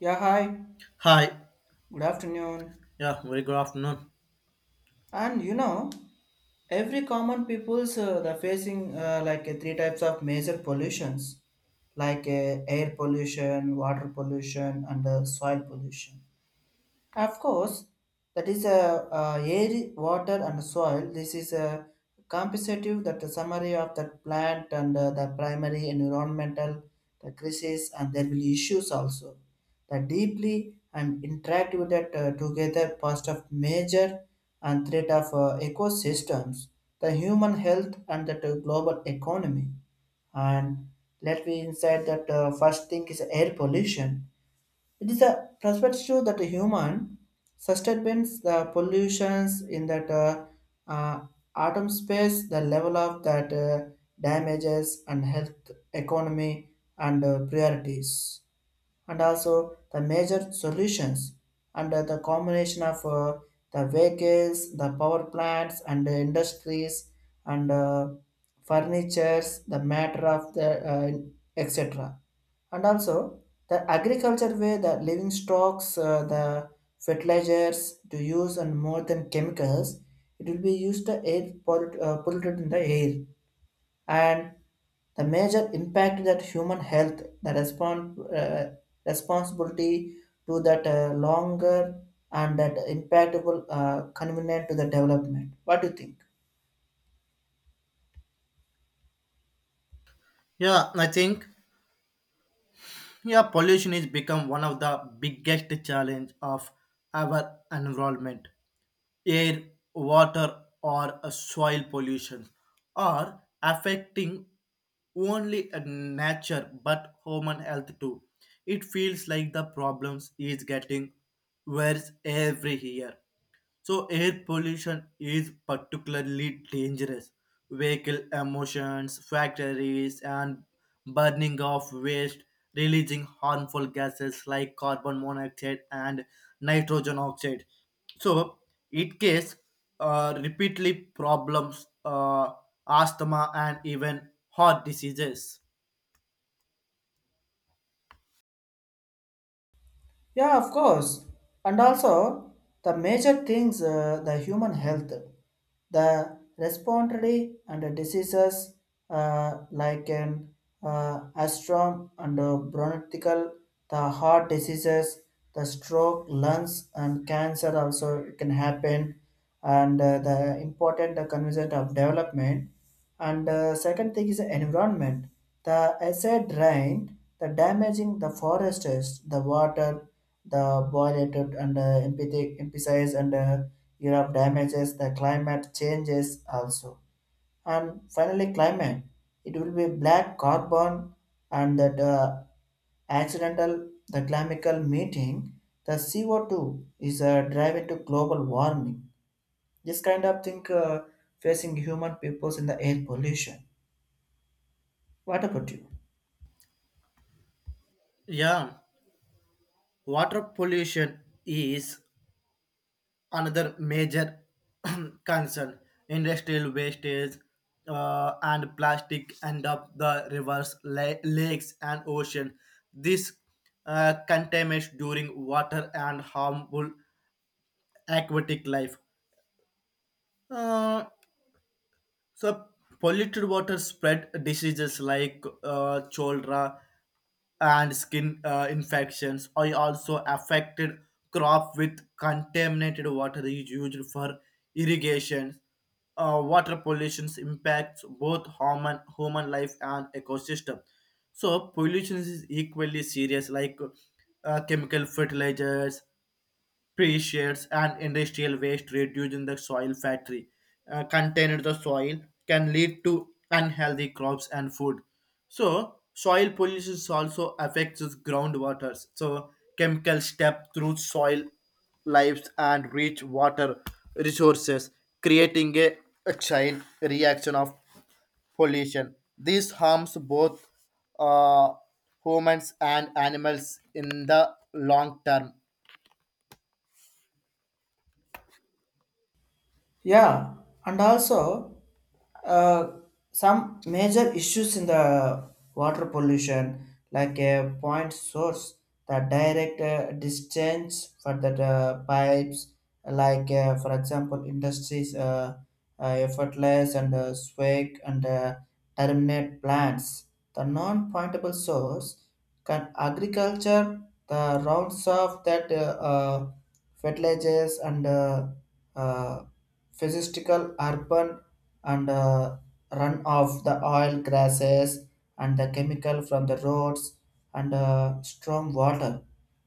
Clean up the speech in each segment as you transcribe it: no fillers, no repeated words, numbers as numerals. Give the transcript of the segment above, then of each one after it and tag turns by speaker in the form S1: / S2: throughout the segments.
S1: Yeah, hi.
S2: Hi.
S1: Good afternoon.
S2: Yeah, very good afternoon.
S1: And you know, every common people's the facing like three types of major pollutions, like air pollution, water pollution, and soil pollution. Of course, that is air, water, and soil. This is a compensative that the summary of that plant and the primary environmental the crisis, and there will be issues also. The deeply and interact with that together past of major and threat of ecosystems, the human health, and the global economy. And let me inside that first thing is air pollution, it is a perspective that a human sustains the pollutions in that uh, atom space, the level of that damages and health, economy, and priorities and also the major solutions under the combination of the vehicles, the power plants, and the industries, and furnitures, the matter of the etc. And also the agriculture way the living stocks, the fertilizers to use and more than chemicals, it will be used to air polluted in the air and the major impact that human health, the responsibility to that longer and that impactable convenient to the development. What do you think?
S2: Yeah, I think yeah, pollution is become one of the biggest challenge of our environment. Air, water, or soil pollution are affecting only nature but human health too. It feels like the problems is getting worse every year. So air pollution is particularly dangerous. Vehicle emissions, factories, and burning of waste, releasing harmful gases like carbon monoxide and nitrogen oxide. So it case repeatedly problems, asthma, and even heart diseases.
S1: Yeah, of course. And also, the major things the human health, the respiratory and the diseases like an astrum and bronchial, the heart diseases, the stroke, lungs, and cancer also can happen. And the important concept of development and second thing is the environment. The acid rain, the damaging the forests, the water, the violated and emphasize and Europe damages the climate changes also. And finally, climate. It will be black carbon and that accidental the chemical meeting. The CO2 is driving to global warming. This kind of thing facing human peoples in the air pollution. What about you?
S2: Yeah, water pollution is another major concern, industrial wastage and plastic end up the rivers lakes and ocean. This contaminates during water and harmful aquatic life. Uh, So polluted water spread diseases like cholera and skin infections. I also affected crop with contaminated water is used for irrigation. Water pollution impacts both human life and ecosystem. So pollution is equally serious, like chemical fertilizers pre-shares and industrial waste reduced in the soil factory contained the soil can lead to unhealthy crops and food. So soil pollution also affects its groundwaters. So chemicals step through soil lives and reach water resources, creating a chain reaction of pollution. This harms both uh, humans and animals in the long term.
S1: Yeah, and also Uh, some major issues in the water pollution, like a point source, the direct discharge for the pipes, like for example, industries, effortless and swag and terminate plants. The non-pointable source can agriculture, the rounds of that uh, fertilizers and uh, physical urban and run off the oil grasses and the chemical from the roads and storm water.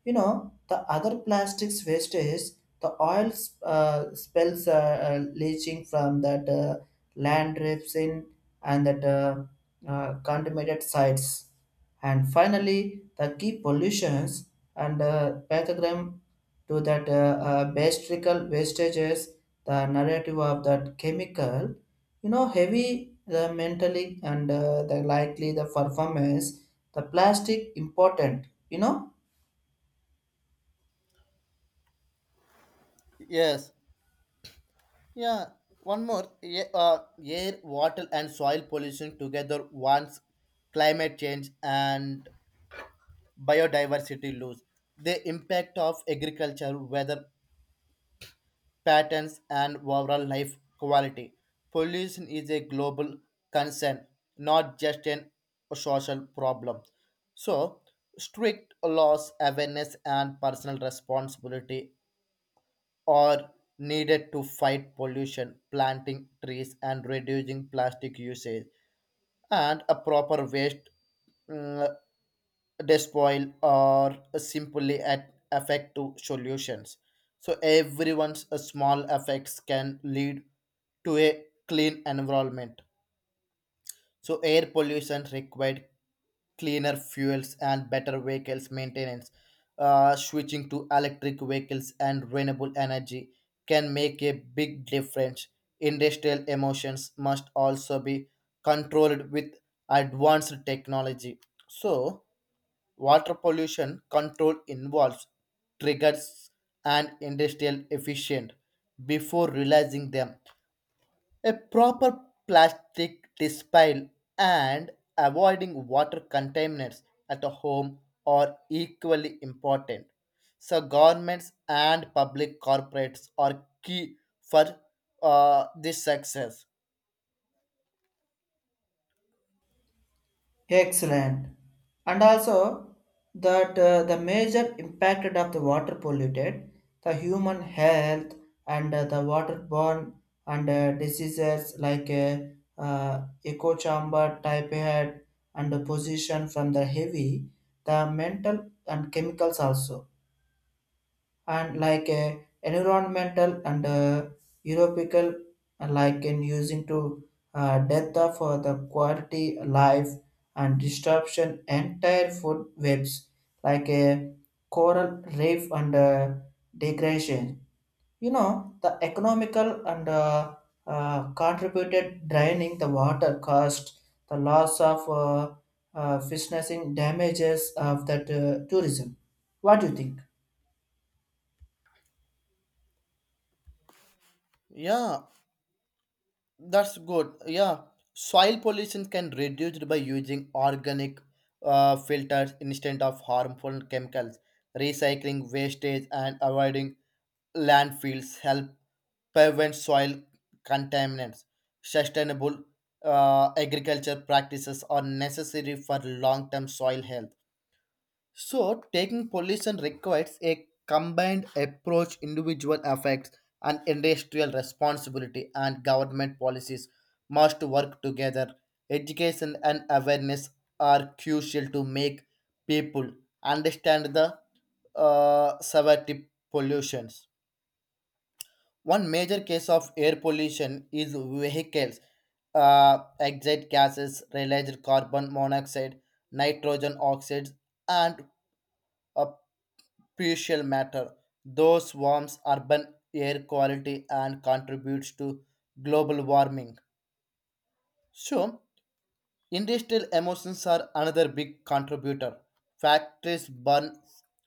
S1: You know, the other plastics waste is the oil spills leaching from that land rifts in and that contaminated sites. And finally, the key pollutions and pathogram to that basic wastages, the narrative of that chemical, you know, heavy, the mentally and the likely the performance the plastic important, you know.
S2: Yes. Yeah, one more. Yeah, air, water, and soil pollution together once climate change and biodiversity lose. The impact of agriculture, weather patterns, and overall life quality. Pollution is a global concern, not just an social problem. So, strict laws, awareness, and personal responsibility are needed to fight pollution, planting trees and reducing plastic usage, and a proper waste mm, despoil are simply at effective solutions. So everyone's small effects can lead to a clean environment. So air pollution required cleaner fuels and better vehicles maintenance. Switching to electric vehicles and renewable energy can make a big difference. Industrial emissions must also be controlled with advanced technology. So, water pollution control involves triggers and industrial efficient before realizing them. A proper plastic disposal and avoiding water contaminants at the home are equally important. So governments and public corporates are key for this success.
S1: Excellent. And also that the major impact of the water polluted the human health and the waterborne and diseases like uh, echo chamber type head and the position from the heavy the mental and chemicals also and like environmental and European like in using to death of the quality life and disruption entire food webs like a coral reef and degradation. You know the economical and contributed draining the water cost, the loss of fishing damages of that tourism. What do you think?
S2: Yeah, that's good. Yeah, soil pollution can reduce by using organic filters instead of harmful chemicals. Recycling wastage and avoiding landfills help prevent soil contaminants. Sustainable agriculture practices are necessary for long-term soil health. So, taking pollution requires a combined approach, individual effects, and industrial responsibility, and government policies must work together. Education and awareness are crucial to make people understand the severity pollutions. One major case of air pollution is vehicles, exit gases, released carbon monoxide, nitrogen oxides, and uh, crucial matter. Those warms urban air quality and contributes to global warming. So, industrial emissions are another big contributor. Factories burn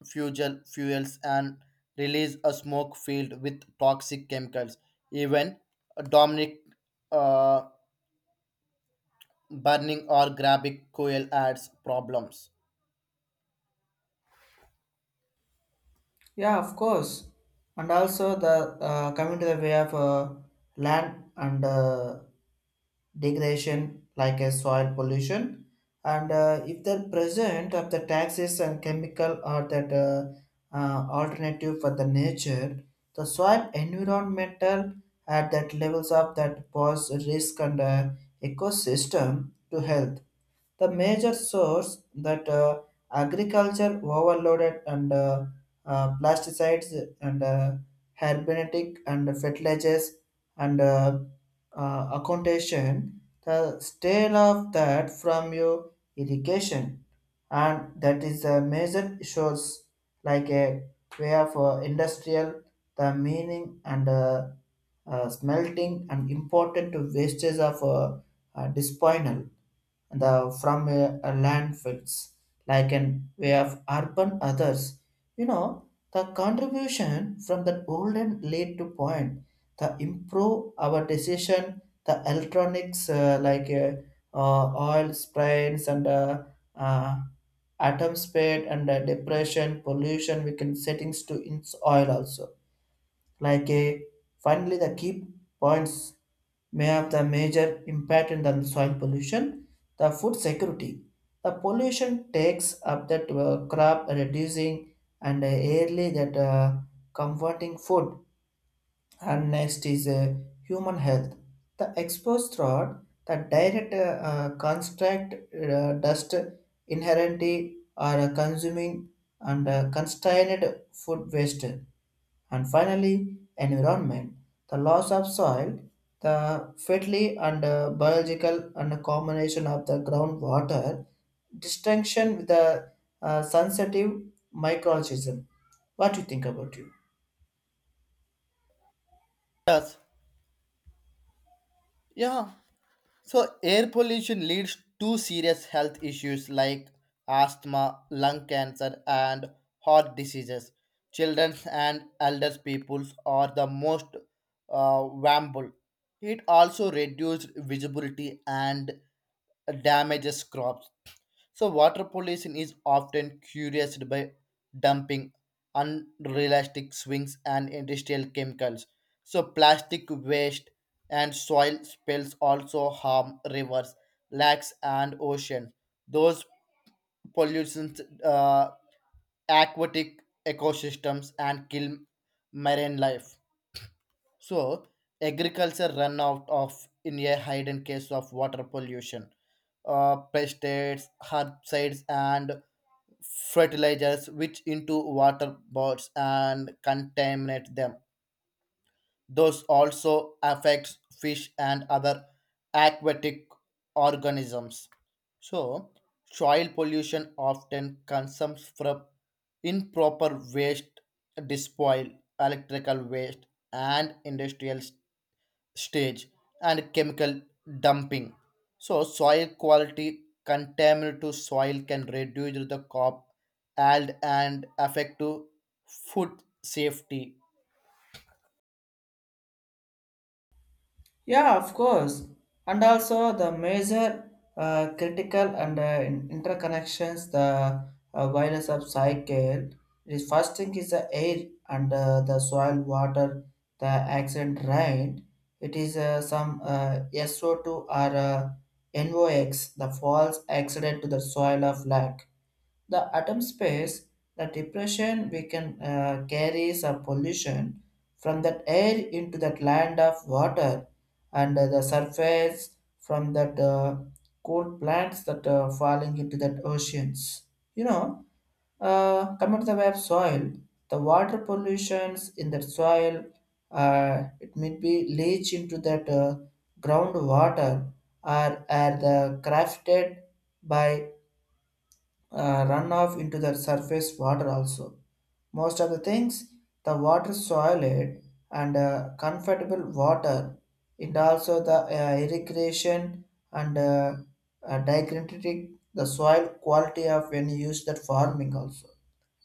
S2: fuel fuels and release a smoke filled with toxic chemicals. Even Dominic uh, burning or grabbing coil adds problems.
S1: Yeah, of course. And also the coming to the way of land and degradation like a soil pollution and if the present of the taxes and chemical or that alternative for the nature the soil environmental at that levels of that pose risk and ecosystem to health, the major source that agriculture overloaded and plasticides and herbetic and fertilizers and accountation the state of that from your irrigation and that is a major shows like a way of industrial the meaning and smelting and important wastage of dysponal and the from a landfills like an way of urban others, you know, the contribution from that golden lead to point the improve our decision the electronics like uh, oil sprains and uh, atom spade and depression pollution we can settings to in oil also like a finally the key points may have the major impact in the soil pollution, the food security. The pollution takes up that crop reducing and early that comforting food and next is human health. The exposed rod, the direct construct dust inherently are consuming and constrained food waste. And finally, environment. The loss of soil, the fatally and biological and combination of the groundwater, distinction with the sensitive microorganism. What do you think about you?
S2: Yes, yeah. So, air pollution leads to serious health issues like asthma, lung cancer, and heart diseases. Children and elders peoples are the most vulnerable. It also reduces visibility and damages crops. So, water pollution is often cured by dumping unrealistic swings and industrial chemicals. So, plastic waste and soil spills also harm rivers, lakes, and oceans. Those pollutants aquatic ecosystems and kill marine life. So, agriculture run out of in a hidden case of water pollution. Pesticides, herbicides, and fertilizers which into water bodies and contaminate them. Those also affects fish and other aquatic organisms. So, soil pollution often comes from improper waste, disposal, electrical waste, and industrial stage and chemical dumping. So soil quality contaminant to soil can reduce the crop yield and affect to food safety.
S1: Yeah, of course. And also the major critical and interconnections, the virus of cycle. The first thing is the air and the soil, water, the accident rain. It is some SO2 or NOx, the false accident to the soil of lake the atom space, the depression we can carry some pollution from that air into that land of water and the surface from that cool plants that are falling into that oceans. You know, come to the web soil, the water pollutions in that soil, it may be leach into that groundwater or are the crafted by run off into the surface water also. Most of the things, the water soiled and comfortable water, it also the irrigation and diagnostic the soil quality of when you use that farming also.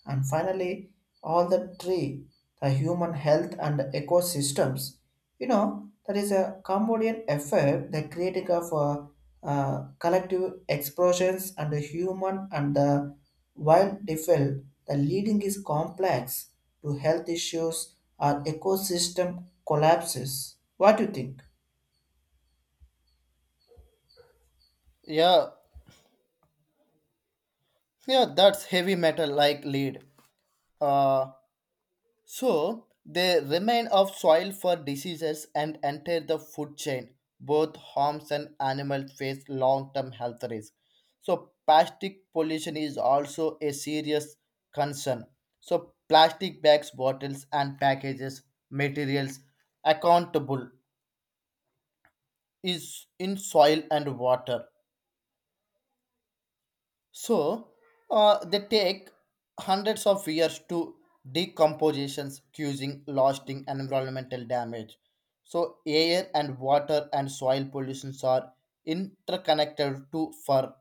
S1: And finally, all the tree, the human health and ecosystems. You know, that is a Cambodian effect, the creating of collective explosions and the human and the wild defil. The leading is complex to health issues or ecosystem collapses. What do you think?
S2: Yeah, yeah, that's heavy metal like lead. Uh, So they remain of soil for diseases and enter the food chain. Both homes and animals face long-term health risks. So plastic pollution is also a serious concern. So plastic bags, bottles, and packages materials accountable is in soil and water. So they take hundreds of years to decompositions, causing lasting environmental damage. So air and water and soil pollutions are interconnected to for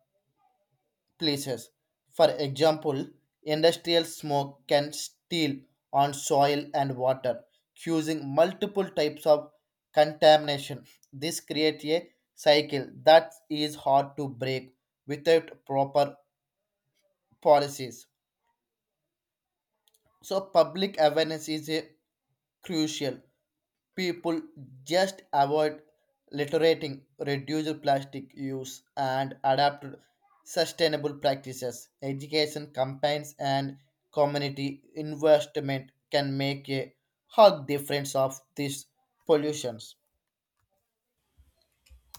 S2: places. For example, industrial smoke can steal on soil and water, causing multiple types of contamination. This creates a cycle that is hard to break without proper policies. So public awareness is a crucial. People just avoid littering, reduce plastic use, and adapt sustainable practices. Education campaigns and community investment can make a hug difference of these pollutions.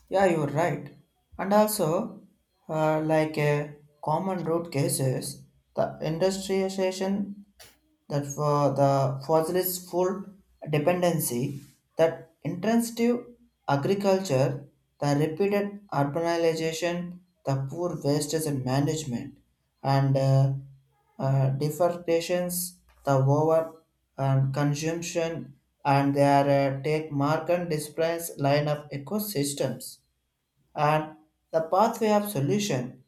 S1: Yeah, you're right. And also, like common root cases, the industrialization that for the fossil's full dependency, that intensive agriculture, the repeated urbanization, the poor wastage and management, and deforestations, the over and consumption, and their take mark and displace line of ecosystems and the pathway of solution,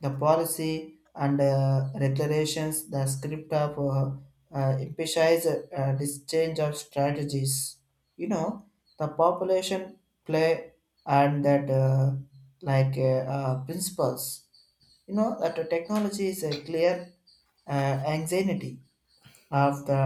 S1: the policy and regulations, the script of emphasize this change of strategies. You know, the population play and that like principles. You know that the technology is a clear anxiety of the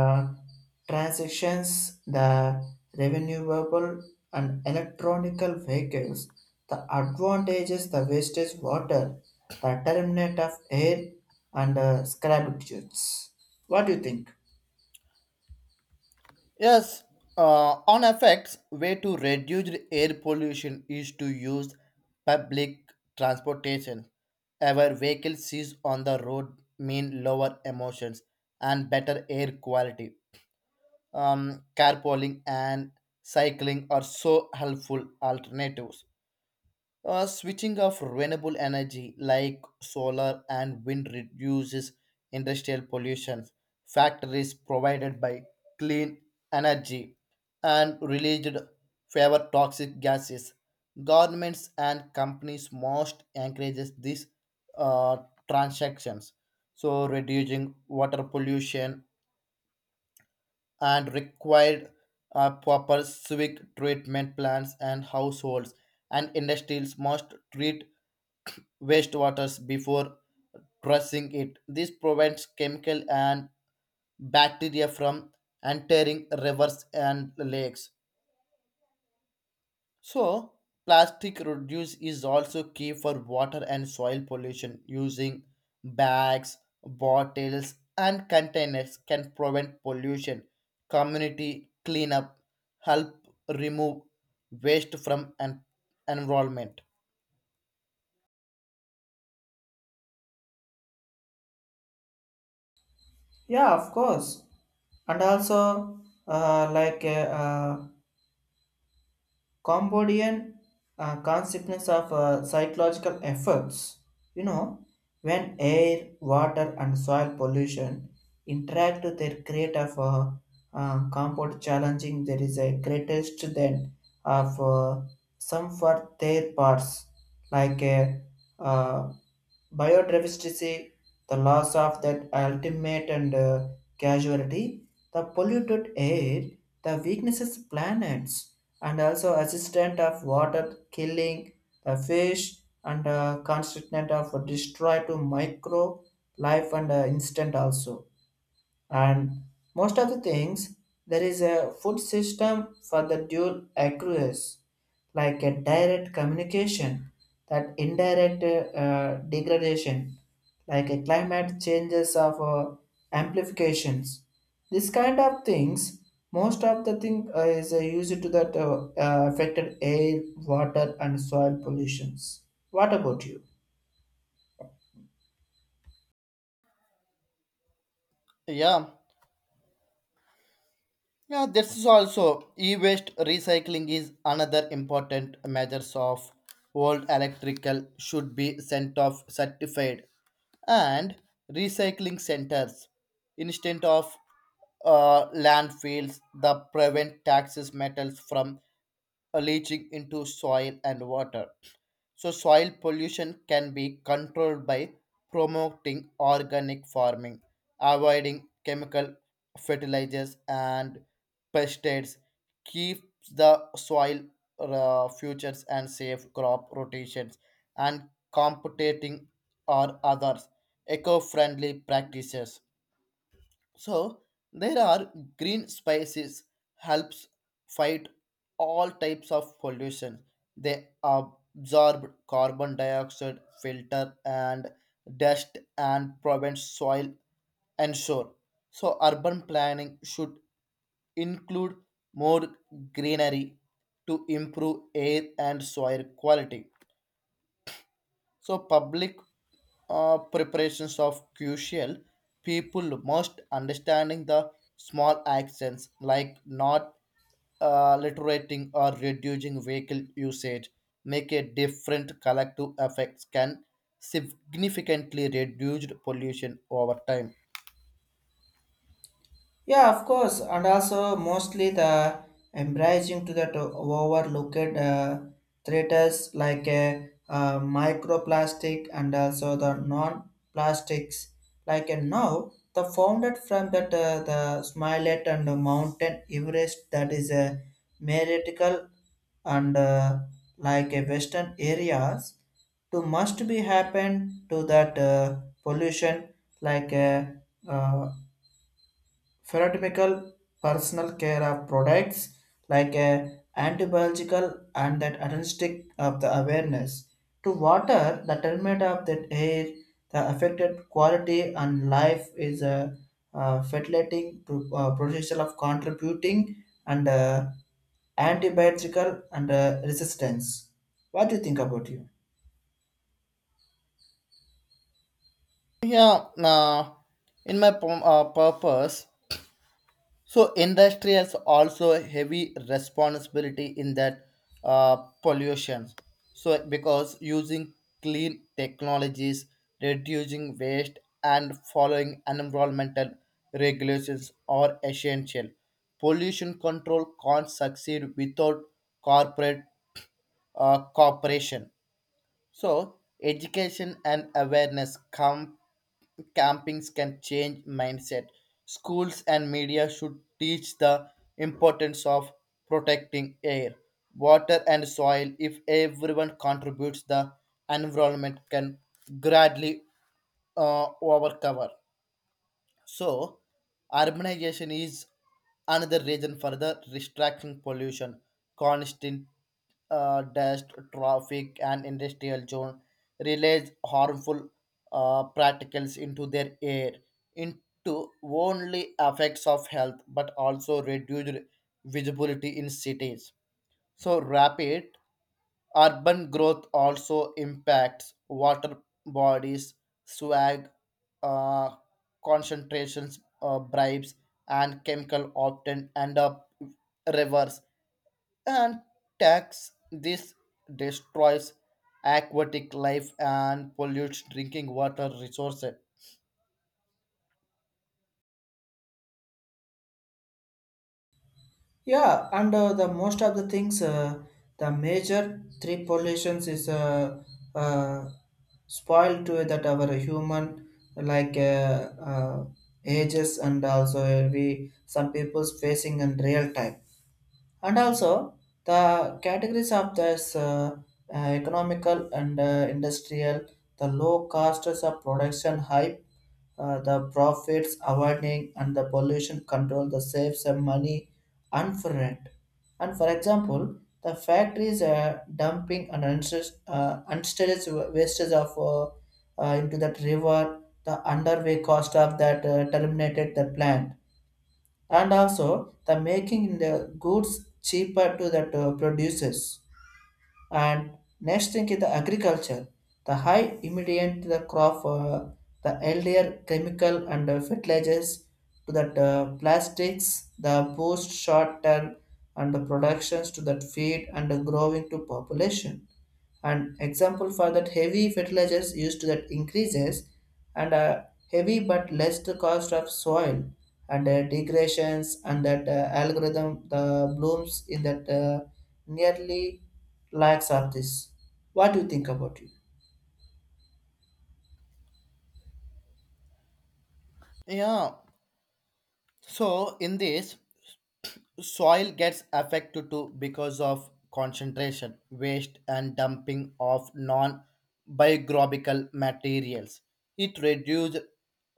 S1: transactions, the renewable and electronical vehicles, the advantages, the wastage water, the terminate of air and scrapbooks. What do you think?
S2: Yes, on effects, way to reduce air pollution is to use public transportation. Our vehicle sees on the road mean lower emissions and better air quality. Carpooling and cycling are so helpful alternatives. Switching off renewable energy like solar and wind reduces industrial pollution. Factories provided by clean energy and released favor toxic gases. Governments and companies most encourages these uh, transactions. So reducing water pollution and required proper civic treatment plants, and households and industries must treat wastewaters before processing it. This prevents chemical and bacteria from entering rivers and lakes. So, plastic reduce is also key for water and soil pollution. Using bags, bottles, and containers can prevent pollution. Community cleanup help remove waste from an environment.
S1: Yeah, of course. And also, like Cambodian consequence of psychological efforts. You know, when air, water, and soil pollution interact, they create of compound challenging. There is a greatest then of some for their parts like a uh biodiversity, the loss of that ultimate and casualty, the polluted air, the weaknesses planets, and also assistant of water killing the fish and constituent of destroy to micro life and instant also and most of the things there is a food system for the dual accrues like a direct communication that indirect degradation like a climate changes of amplifications, this kind of things, most of the thing is used to that affected air water and soil pollutions. What about you?
S2: Yeah. Yeah, this is also e-waste recycling is another important measures of old electrical should be sent off certified and recycling centers instead of landfills that prevent taxes metals from leaching into soil and water. So, soil pollution can be controlled by promoting organic farming, avoiding chemical fertilizers and pesticides, keeps the soil futures and safe crop rotations, and competing or others eco-friendly practices. So there are green spices helps fight all types of pollution. They absorb carbon dioxide, filter and dust and prevent soil and shore. So urban planning should include more greenery to improve air and soil quality. So public preparations of crucial people must understanding the small actions like not literating or reducing vehicle usage make a different collective effects can significantly reduce pollution over time.
S1: Yeah, of course, and also mostly the embracing to that overlooked uh, threats like microplastic and also the non-plastics. Like now, the founded from that the Smilet and the Mountain Everest that is a meritical and like a western areas to must be happen to that pollution like uh, Pharmaceutical personal care of products like a antibiological and that anesthetic of the awareness to water the treatment of that air the affected quality and life is a fatalating to potential of contributing and antibiotical and resistance. What do you think about you?
S2: yeah uh, in my purpose, so industry has also heavy responsibility in that uh, pollution. So because using clean technologies, reducing waste, and following environmental regulations are essential. Pollution control can't succeed without corporate cooperation. So, education and awareness campings can change mindset. Schools and media should teach the importance of protecting air, water, and soil. If everyone contributes, the environment can gradually overcover. So, urbanization is another reason for the distracting pollution, constant dust, traffic, and industrial zone release harmful particles into their air, into only effects of health, but also reduced visibility in cities. So, rapid urban growth also impacts water bodies, swag, uh, concentrations, bribes, and chemical often end up rivers and tax. This destroys aquatic life and pollutes drinking water resources.
S1: Yeah, and the most of the things, the major three pollutions is uh, spoiled to that our human like ages and also we some people's facing in real time and also the categories of this economical and industrial the low costs of production hype the profits avoiding and the pollution control the save some money and for rent and for example the factories are dumping and unstaged wastage of into that river the underway cost of that terminated the plant and also the making the goods cheaper to the to producers. And next thing is the agriculture, the high immediate the crop, the earlier chemical and fertilizers to that plastics, the boost short term and the productions to that feed and the growing to population. An example for that heavy fertilizers used that increases and heavy but less the cost of soil and degradations and that algorithm the blooms in that nearly lacks of this. What do you think about it?
S2: Yeah. So in this soil gets affected too because of concentration, waste, and dumping of non biographical materials. It reduces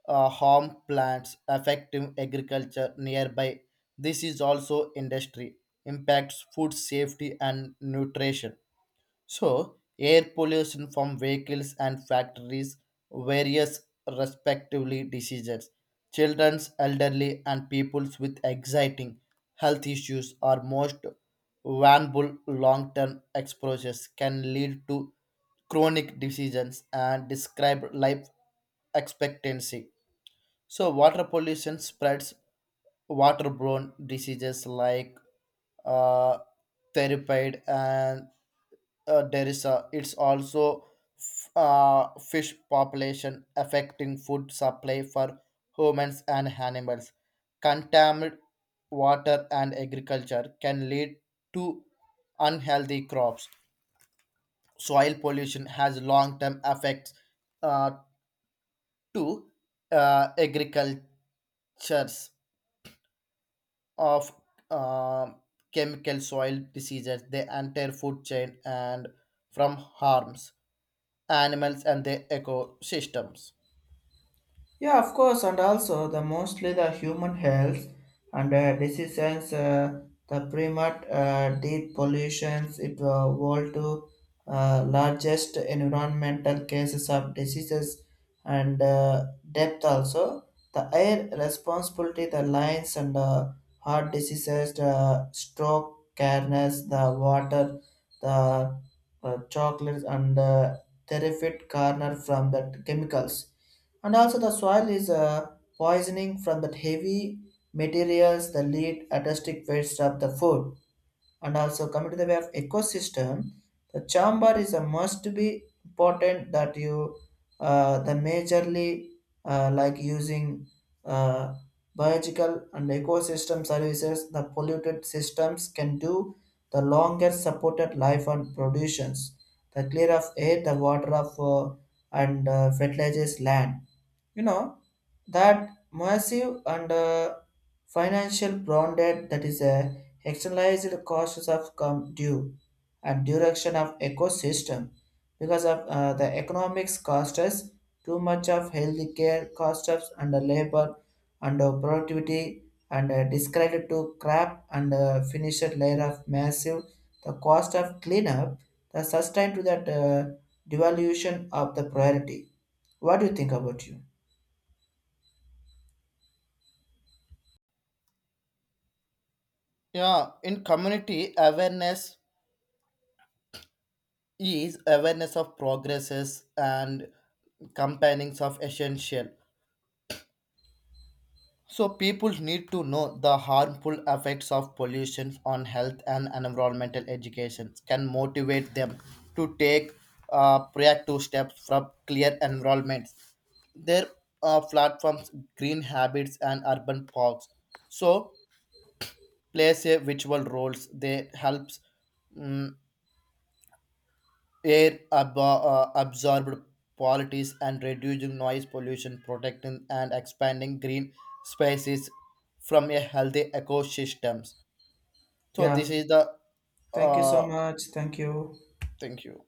S2: harm plants affecting agriculture nearby. This is also industry impacts food safety and nutrition. So, air pollution from vehicles and factories, various respectively diseases. Children's, elderly, and peoples with exciting health issues are most vulnerable. Long-term exposures can lead to chronic diseases and describe life expectancy. So, water pollution spreads waterborne diseases like uh, therapy and there is a, it's also fish population affecting food supply for humans and animals. Contaminated water and agriculture can lead to unhealthy crops. Soil pollution has long-term effects uh, to agricultures of uh, chemical soil diseases, the entire food chain, and from harms animals and their ecosystems.
S1: Yeah, of course, and also the mostly the human health and decisions, the primate deep pollutions, it world to largest environmental cases of diseases and depth also. The air responsibility, the lines and heart diseases, the stroke, carners, the water, the chocolates and terrific corner from the chemicals and also the soil is poisoning from that heavy materials the lead artistic waste of the food and also coming to the way of ecosystem the chamber is a must be important that you the majorly like using uh, biological and ecosystem services the polluted systems can do the longer supported life and productions the clear of air the water of and fertilizes land, you know, that massive and financial bonded that is a externalized costs of come due and direction of ecosystem because of the economics cost us too much of healthy care cost us and the labor and productivity and discredit to crap and finished layer of massive the cost of cleanup the sustain to that devaluation of the priority. What do you think about you?
S2: Yeah, in community awareness is awareness of progresses and companionings of essential. So people need to know the harmful effects of pollution on health and environmental education can motivate them to take proactive steps from clear environments. Their platforms, green habits, and urban parks. So plays a virtual roles. They helps mm, air absorbed qualities and reducing noise pollution, protecting and expanding green spaces from a healthy ecosystems. So this
S1: Yeah,
S2: is the
S1: thank you so
S2: uh,
S1: much. Thank you.
S2: thank you.